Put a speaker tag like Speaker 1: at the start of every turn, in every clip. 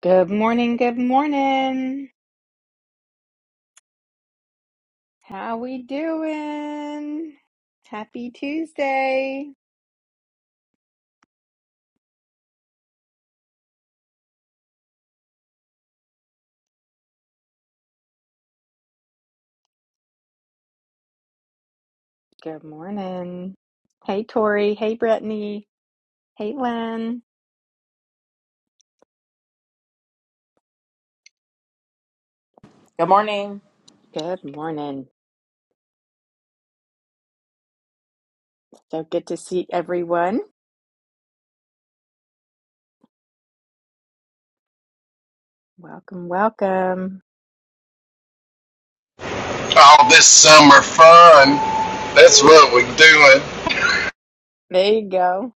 Speaker 1: Good morning, good morning. How we doing? Happy Tuesday. Good morning. Hey Tori, hey Brittany, hey Lynn.
Speaker 2: Good morning.
Speaker 1: Good morning. So good to see everyone. Welcome, welcome.
Speaker 3: all this summer fun. That's what we're doing.
Speaker 1: There you go.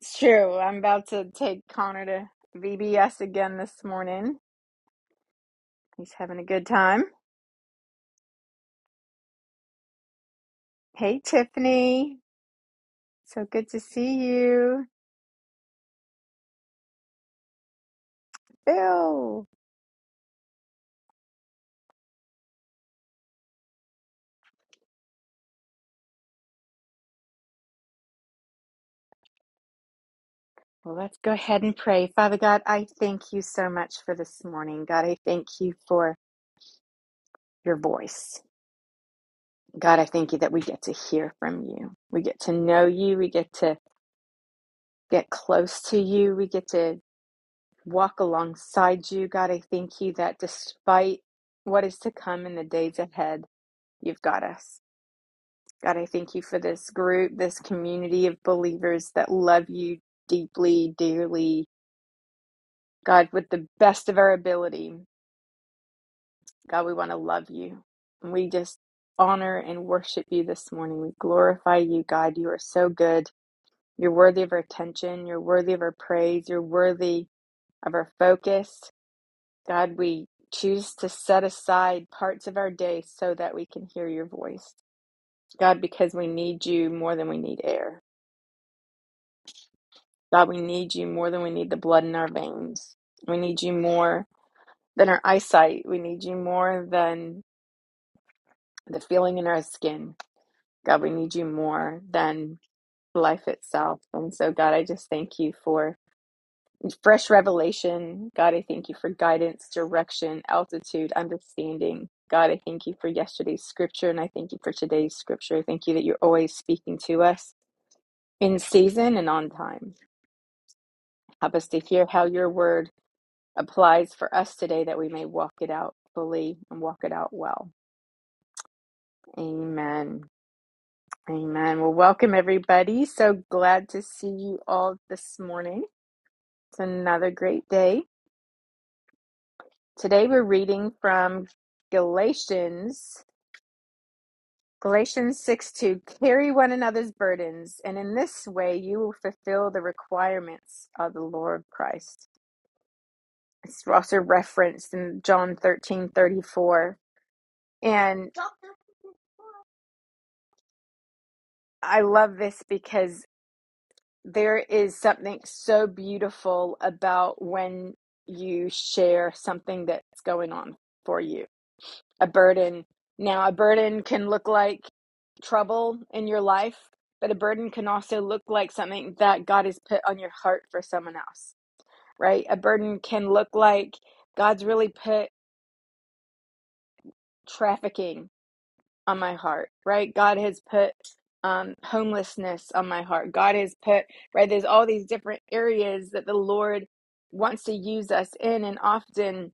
Speaker 1: It's true. I'm about to take Connor to VBS again this morning. He's having a good time. Hey Tiffany. So good to see you. Bill. Well, let's go ahead and pray. Father God, I thank you so much for this morning. God, I thank you for your voice. God, I thank you that we get to hear from you. We get to know you. We get to get close to you. We get to walk alongside you. God, I thank you that despite what is to come in the days ahead, you've got us. God, I thank you for this group, this community of believers that love you deeply, dearly. God, with the best of our ability. God, we want to love you. And we just honor and worship you this morning. We glorify you, God. You are so good. You're worthy of our attention. You're worthy of our praise. You're worthy of our focus. God, we choose to set aside parts of our day so that we can hear your voice. God, because we need you more than we need air. God, we need you more than we need the blood in our veins. We need you more than our eyesight. We need you more than the feeling in our skin. God, we need you more than life itself. And so, God, I just thank you for fresh revelation. God, I thank you for guidance, direction, altitude, understanding. God, I thank you for yesterday's scripture and I thank you for today's scripture. I thank you that you're always speaking to us in season and on time. Help us to hear how your word applies for us today that we may walk it out fully and walk it out well. Amen. Amen. Well, welcome everybody. So glad to see you all this morning. It's another great day. Today we're reading from Galatians, Galatians 6 2. Carry one another's burdens, and in this way you will fulfill the requirements of the Lord Christ. It's also referenced in John thirteen thirty four, And I love this because there is something so beautiful about when you share something that's going on for you, a burden. Now, a burden can look like trouble in your life, but a burden can also look like something that God has put on your heart for someone else, right? A burden can look like God's really put trafficking on my heart, right? God has put um, homelessness on my heart. God has put, right? There's all these different areas that the Lord wants to use us in, and often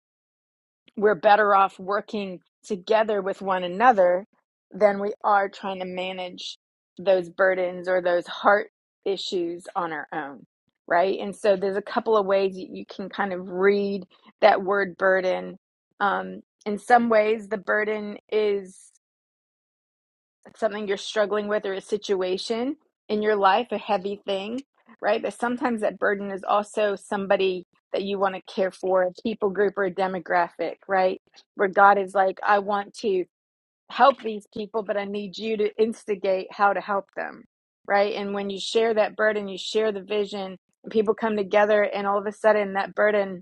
Speaker 1: we're better off working together with one another than we are trying to manage those burdens or those heart issues on our own right and so there's a couple of ways that you can kind of read that word burden um, in some ways the burden is something you're struggling with or a situation in your life, a heavy thing, right? But sometimes that burden is also somebody that you want to care for, a people group or a demographic, right? Where God is like, I want to help these people, but I need you to instigate how to help them, right? And when you share that burden, you share the vision, and people come together, and all of a sudden that burden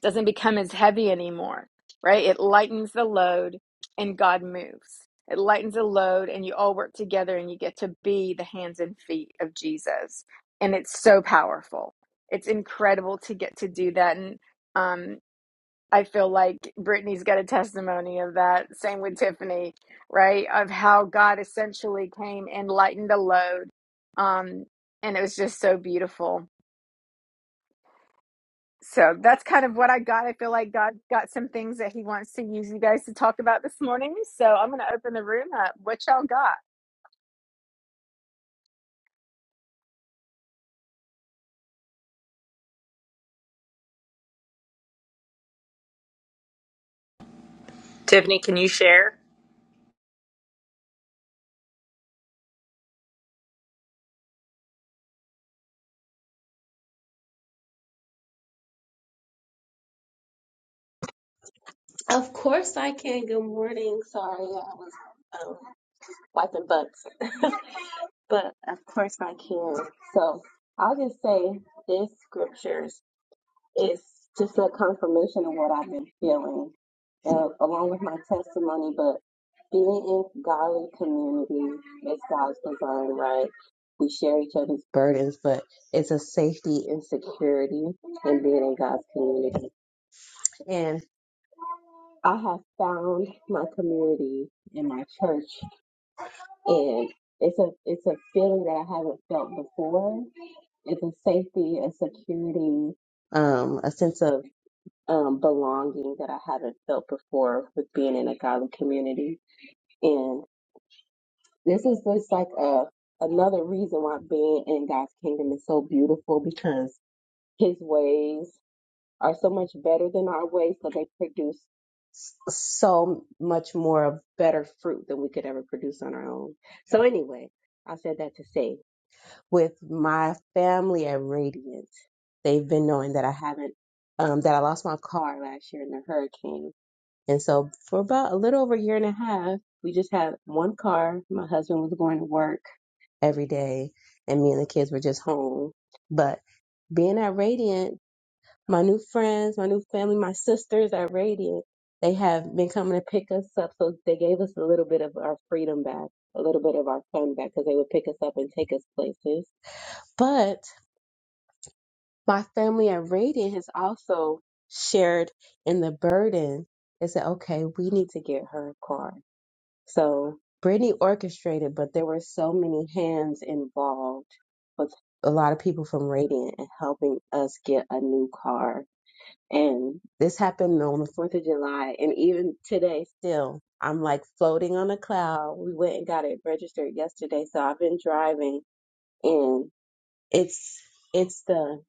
Speaker 1: doesn't become as heavy anymore, right? It lightens the load and God moves. It lightens the load and you all work together and you get to be the hands and feet of Jesus. And it's so powerful. It's incredible to get to do that. And um, I feel like Brittany's got a testimony of that. Same with Tiffany, right? Of how God essentially came and lightened the load. Um, and it was just so beautiful. So that's kind of what I got. I feel like God got some things that He wants to use you guys to talk about this morning. So I'm going to open the room up. What y'all got?
Speaker 2: Tiffany, can you share?
Speaker 4: Of course I can. Good morning. Sorry, I was um, wiping butts. but of course I can. So I'll just say this scriptures is just a confirmation of what I've been feeling, uh, along with my testimony. But being in godly community is God's design, right? We share each other's burdens, but it's a safety and security in being in God's community. I have found my community in my church, and it's a it's a feeling that I haven't felt before. It's a safety, a security, um, a sense of um, belonging that I haven't felt before with being in a godly community. And this is just like a another reason why being in God's kingdom is so beautiful because His ways. are so much better than our way, so they produce s- so much more of better fruit than we could ever produce on our own. So anyway, I said that to say with my family at Radiant, they've been knowing that I haven't um that I lost my car last year in the hurricane. And so for about a little over a year and a half, we just had one car. My husband was going to work every day and me and the kids were just home. But being at Radiant my new friends, my new family, my sisters at Radiant, they have been coming to pick us up. So they gave us a little bit of our freedom back, a little bit of our fun back because they would pick us up and take us places. But my family at Radiant has also shared in the burden. They said, okay, we need to get her a car. So Brittany orchestrated, but there were so many hands involved with a lot of people from Radiant and helping us get a new car and this happened on the 4th of July. And even today, still, I'm like floating on a cloud. We went and got it registered yesterday. So I've been driving and it's, it's the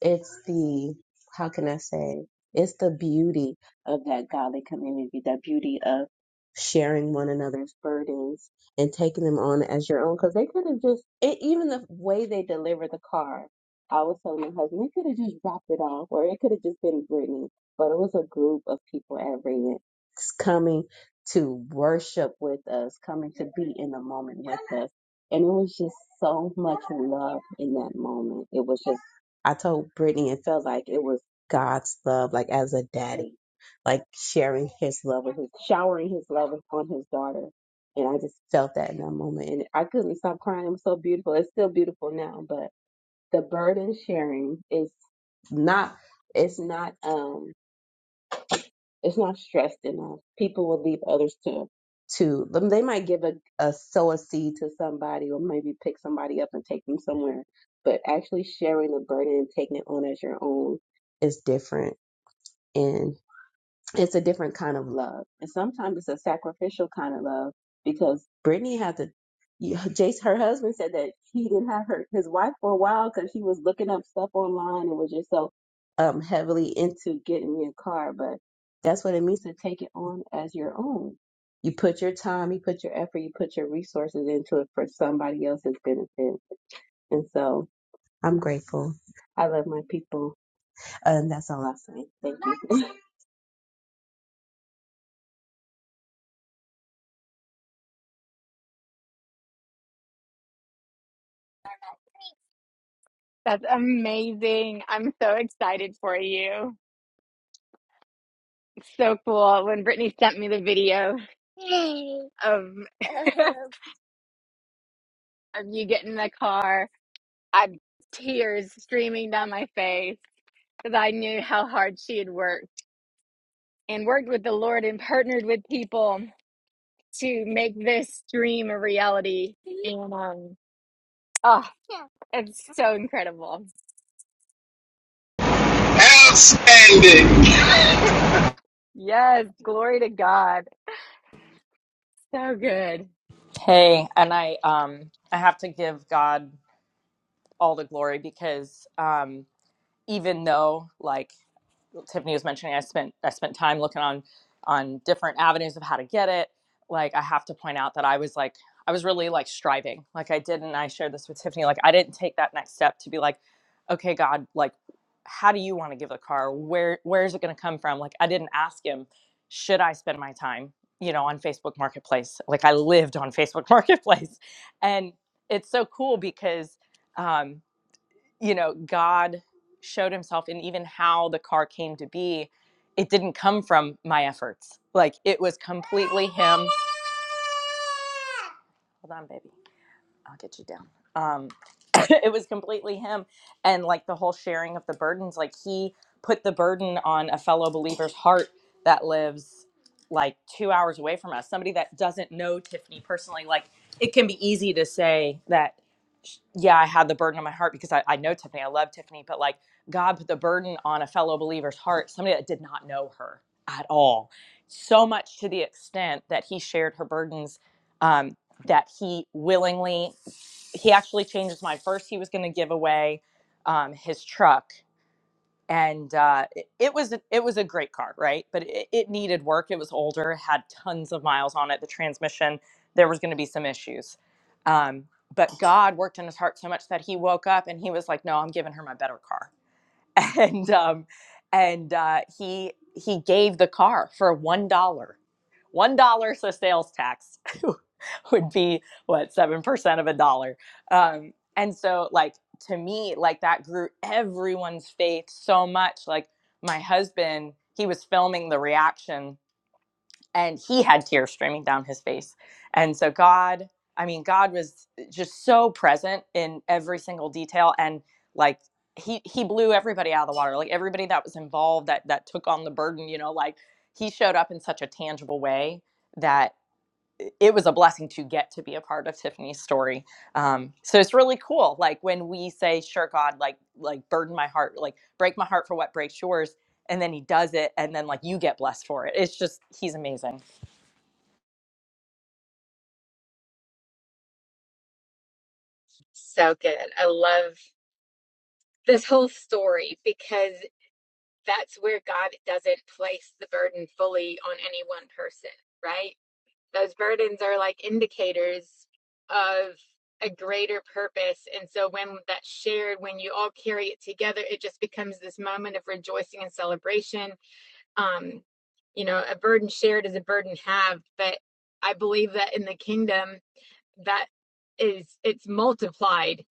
Speaker 4: it's the how can I say it's the beauty of that godly community, that beauty of sharing one another's burdens and taking them on as your own. Because they could have just it, even the way they delivered the car. I was telling my husband they could have just dropped it off, or it could have just been Brittany. But it was a group of people at Radiant coming to worship with us, coming to be in the moment with us. And it was just so much love in that moment. It was just I told Brittany it felt like it was God's love, like as a daddy, like sharing his love with his showering his love on his daughter. And I just felt that in that moment. And I couldn't stop crying. It was so beautiful. It's still beautiful now, but the burden sharing is not it's not um it's not stressed enough. People will leave others to to them. They might give a, a sow a seed to somebody or maybe pick somebody up and take them somewhere. But actually sharing the burden and taking it on as your own is different. And it's a different kind of love. And sometimes it's a sacrificial kind of love because Brittany had to, you- Jace, her husband said that he didn't have her, his wife for a while because she was looking up stuff online and was just so um, heavily into getting me a car. But that's what it means to take it on as your own. You put your time, you put your effort, you put your resources into it for somebody else's benefit. And so I'm grateful. I love my people. And that's all I say. Thank
Speaker 1: That's amazing. I'm so excited for you. It's so cool. When Brittany sent me the video of, of you getting in the car, I had tears streaming down my face because I knew how hard she had worked and worked with the Lord and partnered with people to make this dream a reality. And um, Oh, it's so incredible.
Speaker 3: Outstanding.
Speaker 1: Yes, glory to God. So good.
Speaker 2: Hey, and I um I have to give God all the glory because um even though like Tiffany was mentioning I spent I spent time looking on on different avenues of how to get it. Like I have to point out that I was like I was really like striving. Like I did not I shared this with Tiffany like I didn't take that next step to be like okay God like how do you want to give the car? Where where is it going to come from? Like I didn't ask him should I spend my time, you know, on Facebook Marketplace? Like I lived on Facebook Marketplace. And it's so cool because um you know, God showed himself in even how the car came to be. It didn't come from my efforts. Like it was completely him. Hold on, baby. I'll get you down. Um, it was completely him, and like the whole sharing of the burdens. Like he put the burden on a fellow believer's heart that lives like two hours away from us, somebody that doesn't know Tiffany personally. Like it can be easy to say that, yeah, I had the burden on my heart because I, I know Tiffany, I love Tiffany, but like God put the burden on a fellow believer's heart, somebody that did not know her at all. So much to the extent that he shared her burdens um, that he willingly he actually changed his mind. First, he was going to give away um, his truck, and uh, it, it was it was a great car, right? But it, it needed work. It was older, had tons of miles on it. The transmission, there was going to be some issues. Um, but God worked in his heart so much that he woke up and he was like, "No, I'm giving her my better car." and um, and uh, he he gave the car for one dollar. One dollar, so sales tax would be what seven percent of a dollar. Um, and so, like to me, like that grew everyone's faith so much. Like my husband, he was filming the reaction and he had tears streaming down his face. And so God, I mean, God was just so present in every single detail and like he he blew everybody out of the water. Like everybody that was involved that that took on the burden, you know, like he showed up in such a tangible way that it was a blessing to get to be a part of Tiffany's story. Um, so it's really cool. Like when we say, "Sure, God, like like burden my heart, like break my heart for what breaks yours," and then He does it, and then like you get blessed for it. It's just He's amazing.
Speaker 1: So good. I love this whole story because that's where God doesn't place the burden fully on any one person, right? Those burdens are like indicators of a greater purpose. And so when that's shared, when you all carry it together, it just becomes this moment of rejoicing and celebration um you know a burden shared is a burden halved but i believe that in the kingdom that is it's multiplied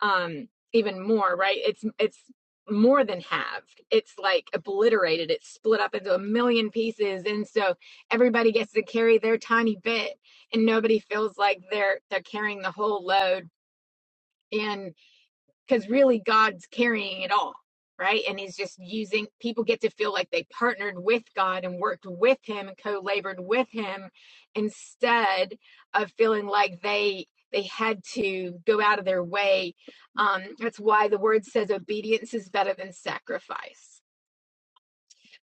Speaker 1: um even more right it's it's more than halved it's like obliterated it's split up into a million pieces and so everybody gets to carry their tiny bit and nobody feels like they're they're carrying the whole load And because really God's carrying it all, right? And He's just using people get to feel like they partnered with God and worked with Him and co-labored with Him instead of feeling like they they had to go out of their way. Um, that's why the word says obedience is better than sacrifice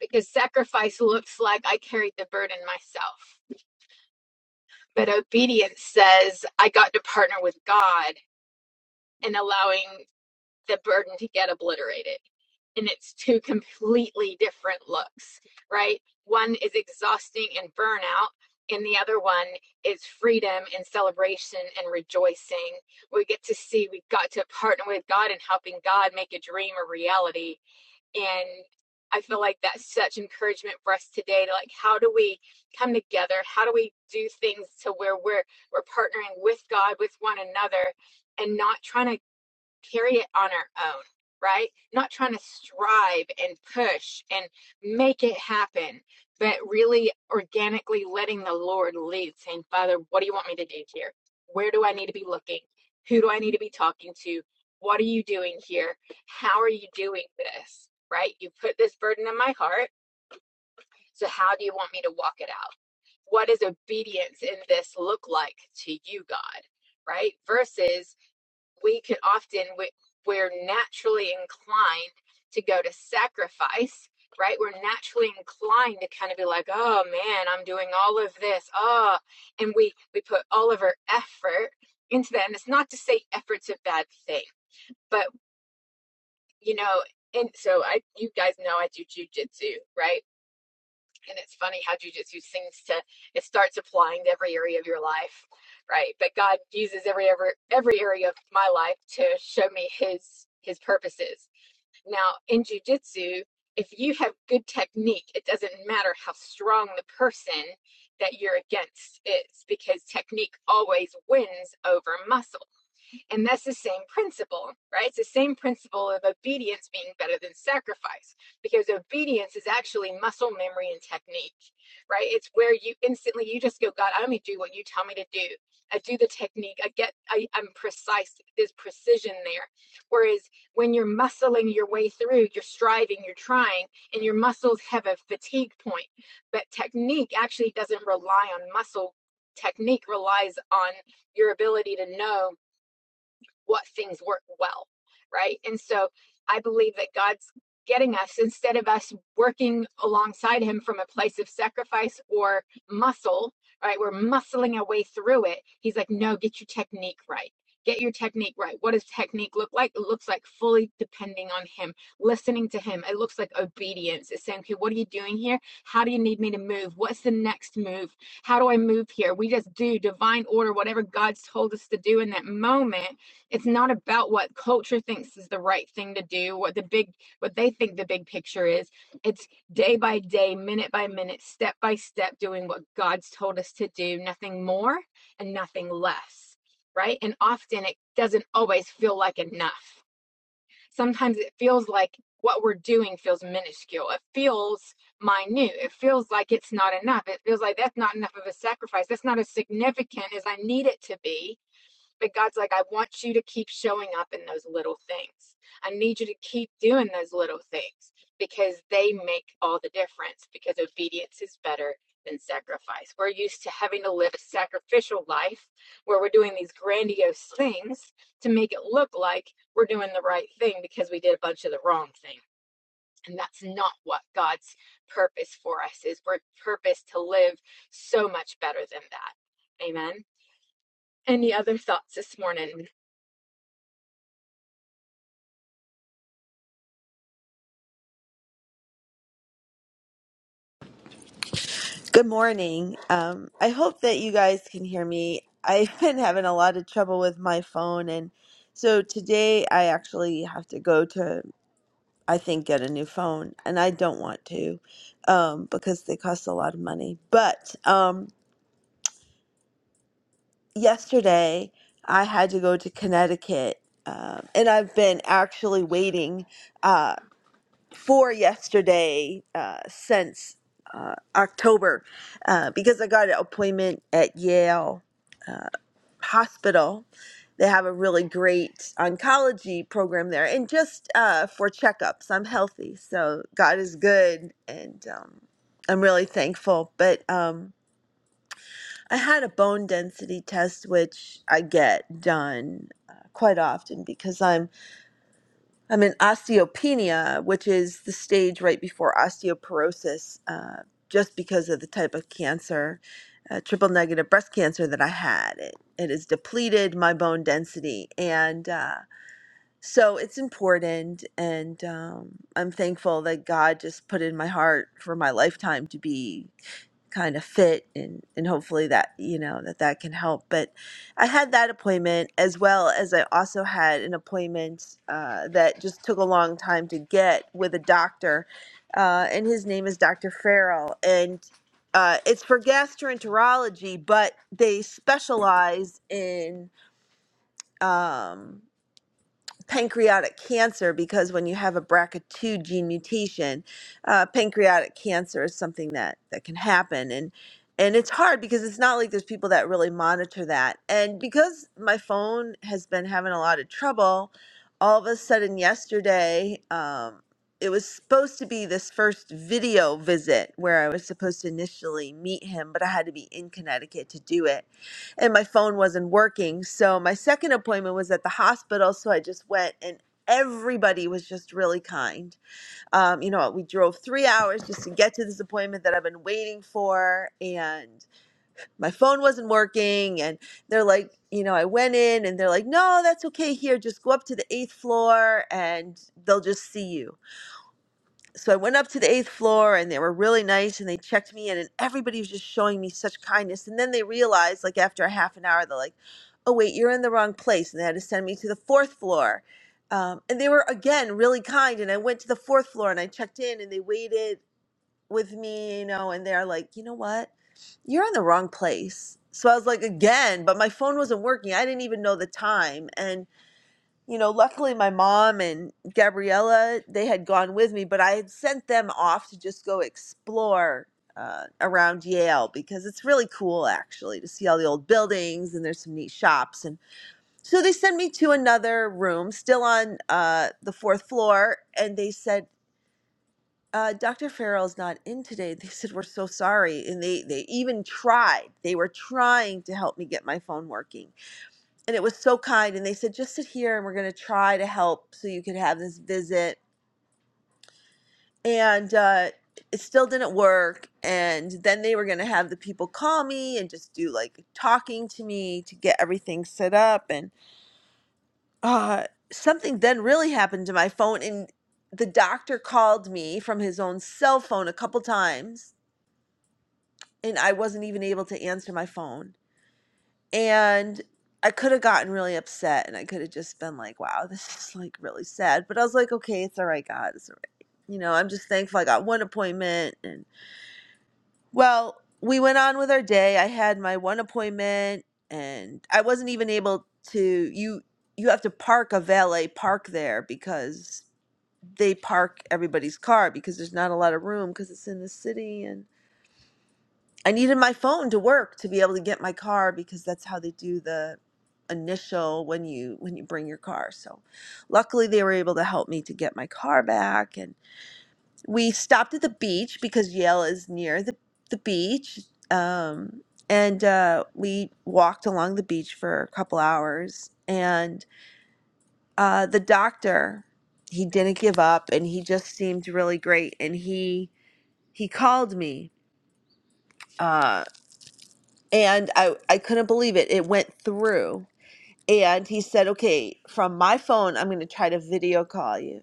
Speaker 1: because sacrifice looks like I carried the burden myself, but obedience says I got to partner with God and allowing the burden to get obliterated. And it's two completely different looks, right? One is exhausting and burnout, and the other one is freedom and celebration and rejoicing. We get to see, we've got to partner with God and helping God make a dream a reality. And I feel like that's such encouragement for us today to like, how do we come together? How do we do things to where we're we're partnering with God, with one another, and not trying to carry it on our own, right? Not trying to strive and push and make it happen, but really organically letting the Lord lead, saying, Father, what do you want me to do here? Where do I need to be looking? Who do I need to be talking to? What are you doing here? How are you doing this? Right? You put this burden in my heart. So, how do you want me to walk it out? What does obedience in this look like to you, God? Right? Versus we could often we, we're naturally inclined to go to sacrifice right we're naturally inclined to kind of be like oh man i'm doing all of this oh and we we put all of our effort into that and it's not to say effort's a bad thing but you know and so i you guys know i do jujitsu right and it's funny how jujitsu seems to it starts applying to every area of your life, right? But God uses every every every area of my life to show me His His purposes. Now in jujitsu, if you have good technique, it doesn't matter how strong the person that you're against is, because technique always wins over muscle and that's the same principle, right? It's the same principle of obedience being better than sacrifice because obedience is actually muscle memory and technique, right? It's where you instantly you just go, God, I only do what you tell me to do. I do the technique. I get I, I'm precise. There's precision there. Whereas when you're muscling your way through, you're striving, you're trying, and your muscles have a fatigue point. But technique actually doesn't rely on muscle. Technique relies on your ability to know what things work well, right? And so I believe that God's getting us instead of us working alongside Him from a place of sacrifice or muscle, right? We're muscling our way through it. He's like, no, get your technique right. Get your technique right. What does technique look like? It looks like fully depending on Him, listening to Him. It looks like obedience. It's saying, okay, what are you doing here? How do you need me to move? What's the next move? How do I move here? We just do divine order, whatever God's told us to do in that moment it's not about what culture thinks is the right thing to do what the big what they think the big picture is it's day by day minute by minute step by step doing what god's told us to do nothing more and nothing less right and often it doesn't always feel like enough sometimes it feels like what we're doing feels minuscule it feels minute it feels like it's not enough it feels like that's not enough of a sacrifice that's not as significant as i need it to be but God's like, I want you to keep showing up in those little things. I need you to keep doing those little things because they make all the difference because obedience is better than sacrifice. We're used to having to live a sacrificial life where we're doing these grandiose things to make it look like we're doing the right thing because we did a bunch of the wrong thing. And that's not what God's purpose for us is. We're purpose to live so much better than that. Amen. Any other thoughts this morning?
Speaker 5: Good morning. Um, I hope that you guys can hear me. I've been having a lot of trouble with my phone, and so today I actually have to go to, I think, get a new phone, and I don't want to um, because they cost a lot of money. But um, yesterday I had to go to Connecticut, um, and I've been actually waiting. uh, for yesterday uh, since uh, October uh, because I got an appointment at Yale uh, Hospital. They have a really great oncology program there, and just uh, for checkups. I'm healthy, so God is good, and um, I'm really thankful. But um, I had a bone density test, which I get done uh, quite often because I'm I'm in osteopenia, which is the stage right before osteoporosis, uh, just because of the type of cancer, uh, triple negative breast cancer that I had. It, it has depleted my bone density. And uh, so it's important. And um, I'm thankful that God just put in my heart for my lifetime to be kind of fit and and hopefully that you know that that can help but i had that appointment as well as i also had an appointment uh, that just took a long time to get with a doctor uh, and his name is dr farrell and uh, it's for gastroenterology but they specialize in um, pancreatic cancer because when you have a BRCA2 gene mutation, uh, pancreatic cancer is something that that can happen and and it's hard because it's not like there's people that really monitor that. And because my phone has been having a lot of trouble, all of a sudden yesterday, um, it was supposed to be this first video visit where I was supposed to initially meet him, but I had to be in Connecticut to do it and my phone wasn't working. So my second appointment was at the hospital. So I just went and everybody was just really kind. Um, you know, we drove three hours just to get to this appointment that I've been waiting for. And my phone wasn't working. And they're like, you know, I went in and they're like, no, that's okay here. Just go up to the eighth floor and they'll just see you so I went up to the eighth floor and they were really nice and they checked me in and everybody was just showing me such kindness. And then they realized, like after a half an hour, they're like, oh, wait, you're in the wrong place. And they had to send me to the fourth floor. Um, and they were, again, really kind. And I went to the fourth floor and I checked in and they waited with me, you know, and they're like, you know what? You're in the wrong place. So I was like, again, but my phone wasn't working. I didn't even know the time. And you know, luckily my mom and Gabriella, they had gone with me, but I had sent them off to just go explore uh, around Yale because it's really cool actually to see all the old buildings and there's some neat shops. And so they sent me to another room, still on uh, the fourth floor, and they said, uh, Dr. Farrell's not in today. They said, We're so sorry. And they, they even tried, they were trying to help me get my phone working and it was so kind and they said just sit here and we're going to try to help so you could have this visit and uh, it still didn't work and then they were going to have the people call me and just do like talking to me to get everything set up and uh, something then really happened to my phone and the doctor called me from his own cell phone a couple times and i wasn't even able to answer my phone And I could have gotten really upset and I could have just been like, wow, this is like really sad. But I was like, okay, it's all right, God. It's all right. You know, I'm just thankful I got one appointment. And well, we went on with our day. I had my one appointment and I wasn't even able to, you, you have to park a valet park there because they park everybody's car because there's not a lot of room because it's in the city and. I needed my phone to work to be able to get my car because that's how they do the initial when you when you bring your car. So luckily they were able to help me to get my car back and we stopped at the beach because Yale is near the the beach. Um and uh, we walked along the beach for a couple hours and uh, the doctor he didn't give up and he just seemed really great and he he called me uh, and I I couldn't believe it. It went through. And he said, "Okay, from my phone, I'm going to try to video call you."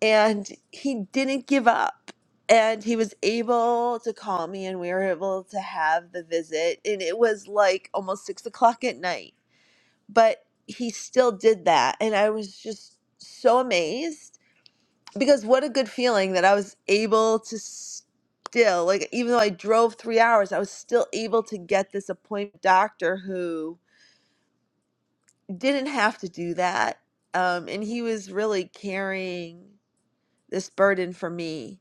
Speaker 5: And he didn't give up. And he was able to call me, and we were able to have the visit. And it was like almost six o'clock at night, but he still did that. And I was just so amazed because what a good feeling that I was able to still, like, even though I drove three hours, I was still able to get this appointment doctor who didn't have to do that. Um, and he was really carrying this burden for me.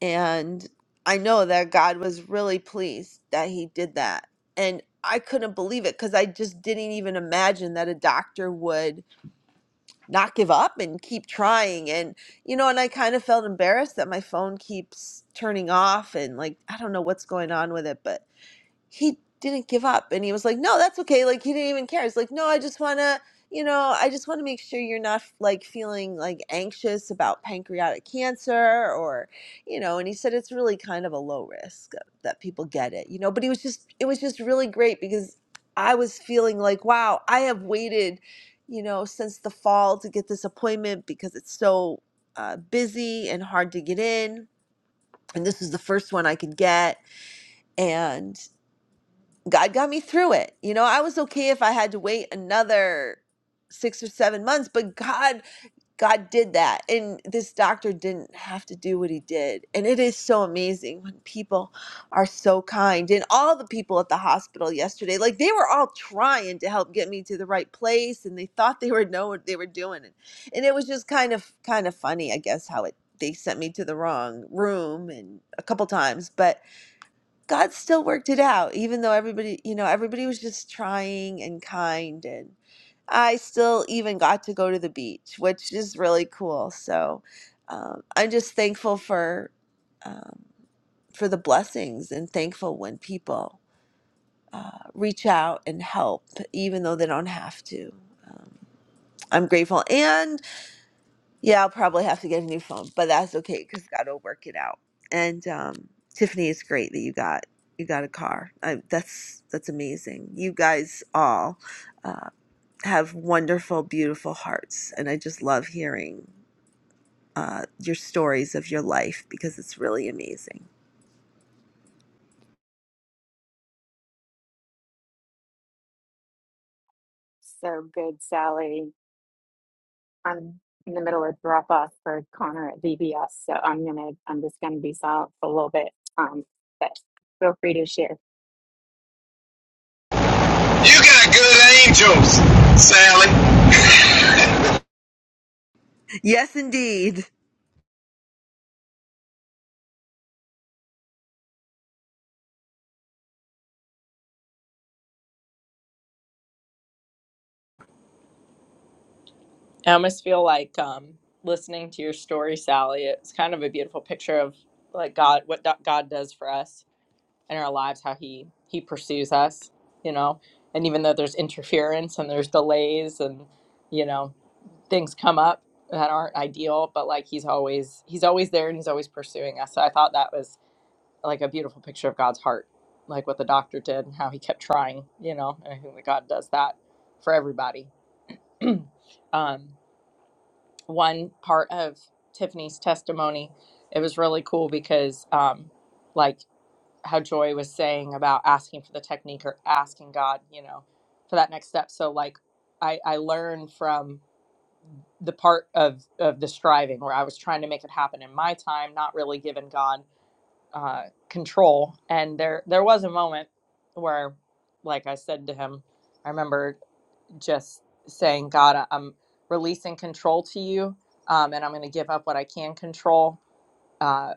Speaker 5: And I know that God was really pleased that he did that. And I couldn't believe it because I just didn't even imagine that a doctor would not give up and keep trying and you know and i kind of felt embarrassed that my phone keeps turning off and like i don't know what's going on with it but he didn't give up and he was like no that's okay like he didn't even care he's like no i just want to you know i just want to make sure you're not like feeling like anxious about pancreatic cancer or you know and he said it's really kind of a low risk uh, that people get it you know but he was just it was just really great because i was feeling like wow i have waited you know since the fall to get this appointment because it's so uh, busy and hard to get in and this is the first one i could get and God got me through it. You know, I was okay if I had to wait another 6 or 7 months, but God God did that. And this doctor didn't have to do what he did. And it is so amazing when people are so kind. And all the people at the hospital yesterday, like they were all trying to help get me to the right place and they thought they were know what they were doing. And and it was just kind of kind of funny, I guess, how it they sent me to the wrong room and a couple times, but God still worked it out, even though everybody, you know, everybody was just trying and kind. And I still even got to go to the beach, which is really cool. So um, I'm just thankful for um, for the blessings and thankful when people uh, reach out and help, even though they don't have to. Um, I'm grateful. and. Yeah, I'll probably have to get a new phone, but that's okay because God will work it out. And um, Tiffany, it's great that you got you got a car. I, that's that's amazing. You guys all uh, have wonderful, beautiful hearts, and I just love hearing uh, your stories of your life because it's really amazing.
Speaker 1: So good, Sally. I'm in the middle of drop off for Connor at VBS, so I'm gonna I'm just gonna be silent for a little bit. Um, but feel free to share.
Speaker 3: You got good angels, Sally.
Speaker 5: Yes, indeed.
Speaker 2: I almost feel like um, listening to your story, Sally. It's kind of a beautiful picture of like God, what do- God does for us in our lives, how He He pursues us, you know. And even though there's interference and there's delays and you know things come up that aren't ideal, but like He's always He's always there and He's always pursuing us. So I thought that was like a beautiful picture of God's heart, like what the doctor did and how He kept trying, you know. And I think that God does that for everybody. um, one part of Tiffany's testimony. It was really cool because, um, like how Joy was saying about asking for the technique or asking God, you know, for that next step. So like, I I learned from the part of of the striving where I was trying to make it happen in my time, not really giving God uh, control. And there there was a moment where, like I said to him, I remember just saying, God, I- am releasing control to you, um, and I'm going to give up what I can control uh,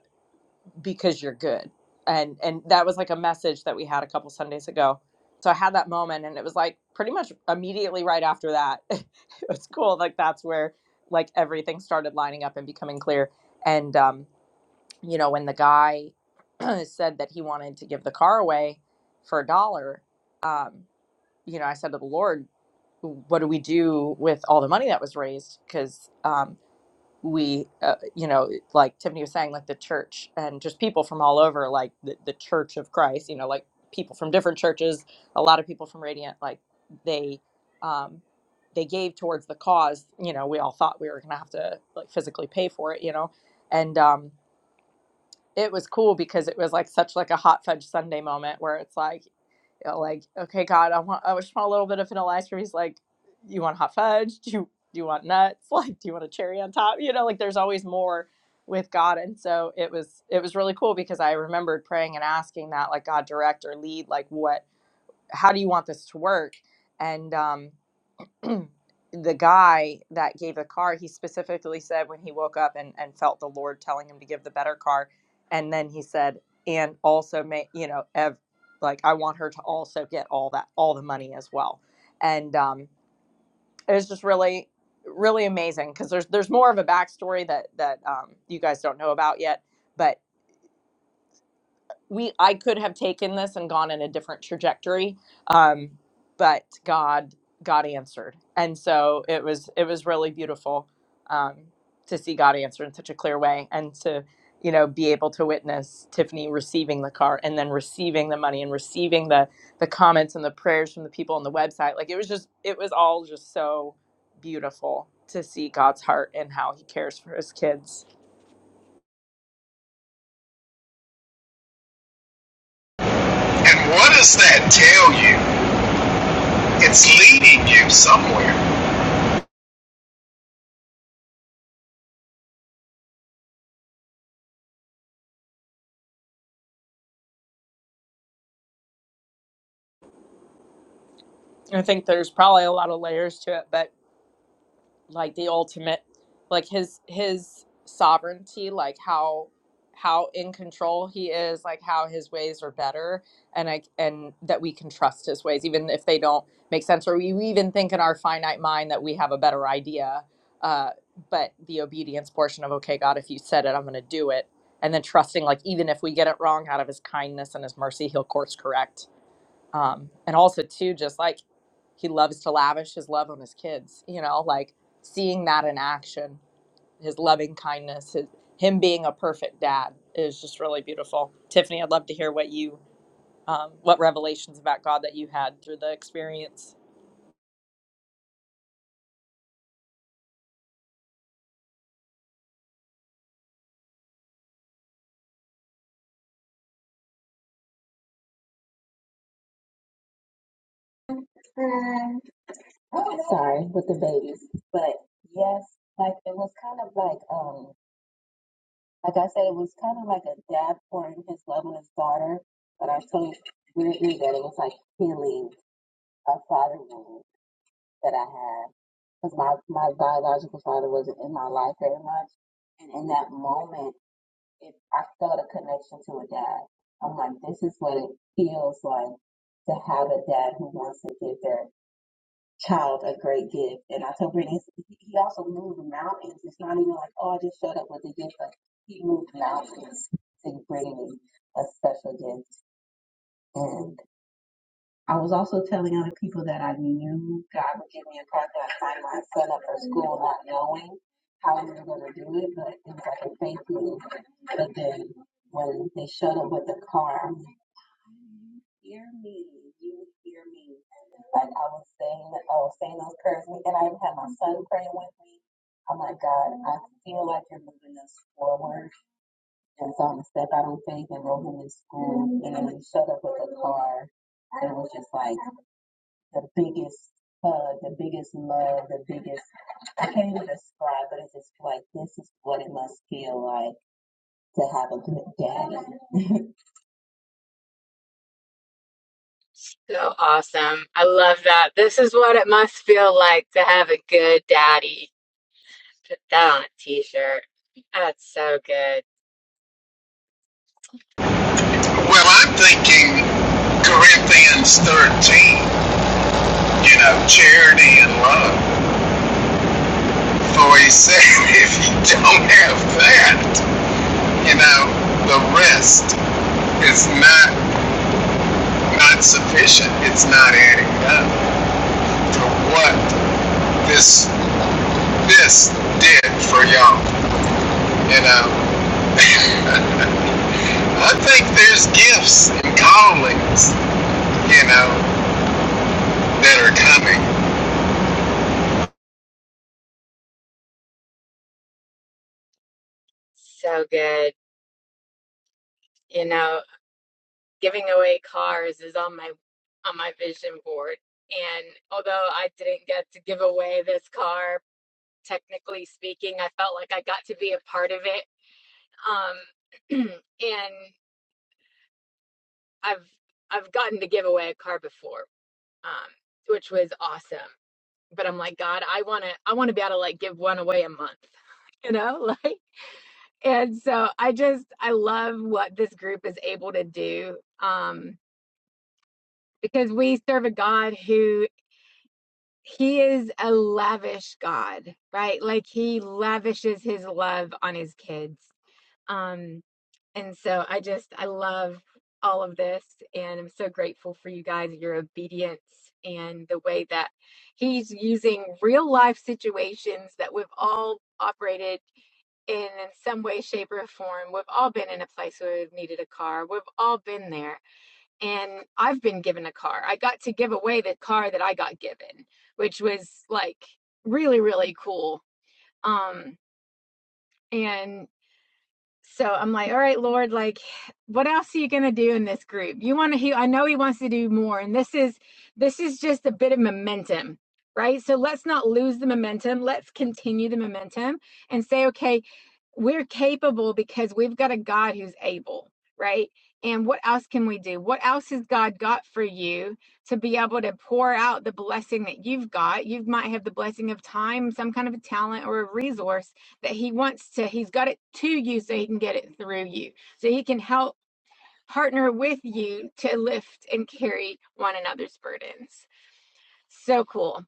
Speaker 2: because you're good. And and that was like a message that we had a couple Sundays ago. So I had that moment, and it was like pretty much immediately right after that. it was cool. Like that's where like everything started lining up and becoming clear. And um, you know, when the guy said that he wanted to give the car away for a dollar, um, you know, I said to the Lord what do we do with all the money that was raised? Because um, we, uh, you know, like Tiffany was saying, like the church and just people from all over, like the, the Church of Christ, you know, like people from different churches, a lot of people from Radiant, like they, um, they gave towards the cause. You know, we all thought we were gonna have to like physically pay for it, you know, and um, it was cool because it was like such like a hot fudge Sunday moment where it's like, you know, like, okay, God, I want, I just want a little bit of vanilla ice cream. He's like, you want hot fudge? Do you, do you want nuts? Like, do you want a cherry on top? You know, like there's always more with God. And so it was, it was really cool because I remembered praying and asking that, like, God, direct or lead, like, what, how do you want this to work? And, um, the guy that gave the car, he specifically said when he woke up and, and felt the Lord telling him to give the better car. And then he said, and also may, you know, ev- like I want her to also get all that, all the money as well. And, um, it was just really, really amazing. Cause there's, there's more of a backstory that, that, um, you guys don't know about yet, but we I could have taken this and gone in a different trajectory, um, but God God answered, and so it was it was really beautiful um, to see God answer in such a clear way, and to you know be able to witness Tiffany receiving the car and then receiving the money and receiving the the comments and the prayers from the people on the website. Like it was just it was all just so beautiful to see God's heart and how He cares for His kids.
Speaker 3: And what does that tell you? It's leading you somewhere.
Speaker 2: I think there's probably a lot of layers to it, but like the ultimate like his his sovereignty like how how in control he is like how his ways are better and i and that we can trust his ways even if they don't make sense or we even think in our finite mind that we have a better idea uh, but the obedience portion of okay god if you said it i'm going to do it and then trusting like even if we get it wrong out of his kindness and his mercy he'll course correct um, and also too just like he loves to lavish his love on his kids you know like seeing that in action his loving kindness his, him being a perfect dad is just really beautiful tiffany i'd love to hear what you um, what revelations about god that you had through the experience
Speaker 4: you. I was sorry with the babies, but yes, like it was kind of like um, like I said, it was kind of like a dad pouring his love on his daughter, but I so weirdly that it was like healing a father wound that I had because my my biological father wasn't in my life very much, and in that moment, it I felt a connection to a dad. I'm like, this is what it feels like to have a dad who wants to give their child a great gift. And I told Brittany, he he also moved mountains. It's not even like, oh, I just showed up with a gift. Like, he moved mountains to bring me a special gift. And I was also telling other people that I knew God would give me a project. I signed my son up for school not knowing how we were going to do it, but it was like a faith move. But then when they showed up with the car, I'm hear me, you hear me. Like I was saying, I was saying those prayers, and I even had my son praying with me. I'm like, God, I feel like you're moving us forward. And so I'm gonna step out on faith and roll him in school. And then when he showed up with a car that was just like the biggest hug, the biggest love, the biggest, I can't even describe, but it's just like, this is what it must feel like to have a good daddy.
Speaker 1: So awesome. I love that. This is what it must feel like to have a good daddy. Put that on a t-shirt. That's so good.
Speaker 3: Well, I'm thinking Corinthians 13, you know, charity and love. For he said, if you don't have that, you know, the rest is not not sufficient. It's not adding up. to what this this did for y'all. You know, I think there's gifts and callings, you know, that are coming.
Speaker 1: So good. You know, giving away cars is on my on my vision board. And although I didn't get to give away this car technically speaking. I felt like I got to be a part of it. Um, and I've I've gotten to give away a car before, um, which was awesome. But I'm like, God, I wanna I wanna be able to like give one away a month, you know, like. And so I just I love what this group is able to do um, because we serve a God who he is a lavish God, right? Like he lavishes his love on his kids. Um, And so I just, I love all of this. And I'm so grateful for you guys, your obedience, and the way that he's using real life situations that we've all operated in in some way, shape, or form. We've all been in a place where we've needed a car, we've all been there. And I've been given a car. I got to give away the car that I got given, which was like really, really cool. Um, and so I'm like, all right, Lord, like, what else are you gonna do in this group? You want to heal? I know He wants to do more, and this is this is just a bit of momentum, right? So let's not lose the momentum. Let's continue the momentum and say, okay, we're capable because we've got a God who's able, right? And what else can we do? What else has God got for you to be able to pour out the blessing that you've got? You might have the blessing of time, some kind of a talent or a resource that he wants to, he's got it to you so he can get it through you. So he can help partner with you to lift and carry one another's burdens. So cool.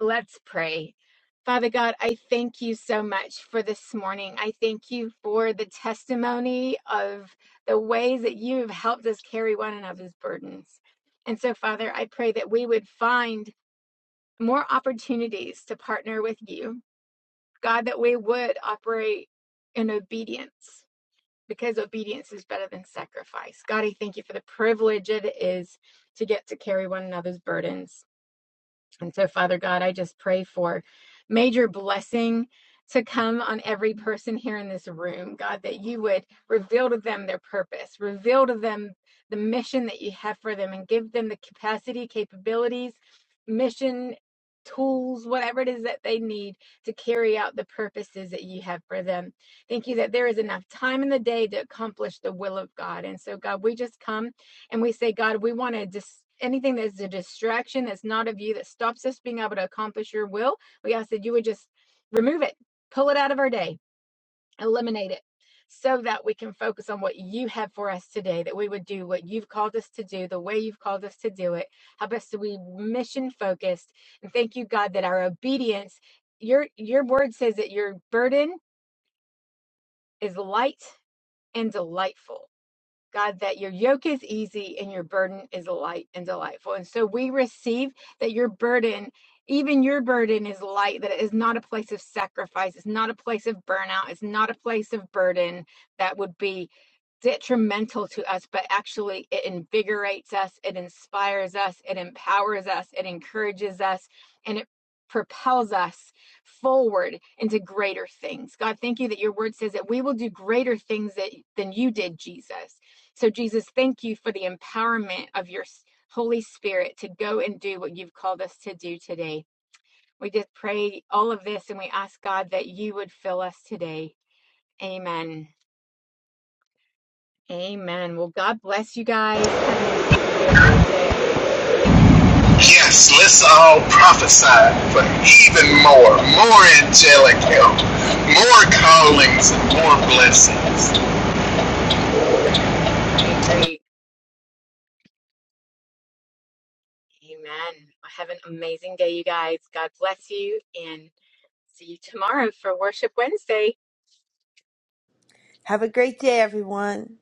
Speaker 1: Let's pray. Father God, I thank you so much for this morning. I thank you for the testimony of the ways that you have helped us carry one another's burdens. And so, Father, I pray that we would find more opportunities to partner with you. God, that we would operate in obedience because obedience is better than sacrifice. God, I thank you for the privilege it is to get to carry one another's burdens. And so, Father God, I just pray for major blessing to come on every person here in this room, God, that you would reveal to them their purpose, reveal to them the mission that you have for them, and give them the capacity, capabilities, mission, tools, whatever it is that they need to carry out the purposes that you have for them. Thank you that there is enough time in the day to accomplish the will of God. And so, God, we just come and we say, God, we want to just anything that's a distraction that's not of you that stops us being able to accomplish your will. We ask that you would just remove it, pull it out of our day, eliminate it. So that we can focus on what you have for us today, that we would do what you've called us to do, the way you've called us to do it. Help us to be mission focused. And thank you, God, that our obedience, your your word says that your burden is light and delightful. God, that your yoke is easy and your burden is light and delightful. And so we receive that your burden, even your burden, is light, that it is not a place of sacrifice, it's not a place of burnout, it's not a place of burden that would be detrimental to us, but actually it invigorates us, it inspires us, it empowers us, it encourages us, and it propels us forward into greater things. God, thank you that your word says that we will do greater things that, than you did, Jesus. So, Jesus, thank you for the empowerment of your Holy Spirit to go and do what you've called us to do today. We just pray all of this and we ask God that you would fill us today. Amen. Amen. Well, God bless you guys. Have an incredible day.
Speaker 3: Yes, let's all prophesy for even more, more angelic help, more callings and more blessings.
Speaker 1: Yes, I agree. Amen. Have an amazing day, you guys. God bless you and see you tomorrow for Worship Wednesday.
Speaker 5: Have a great day, everyone.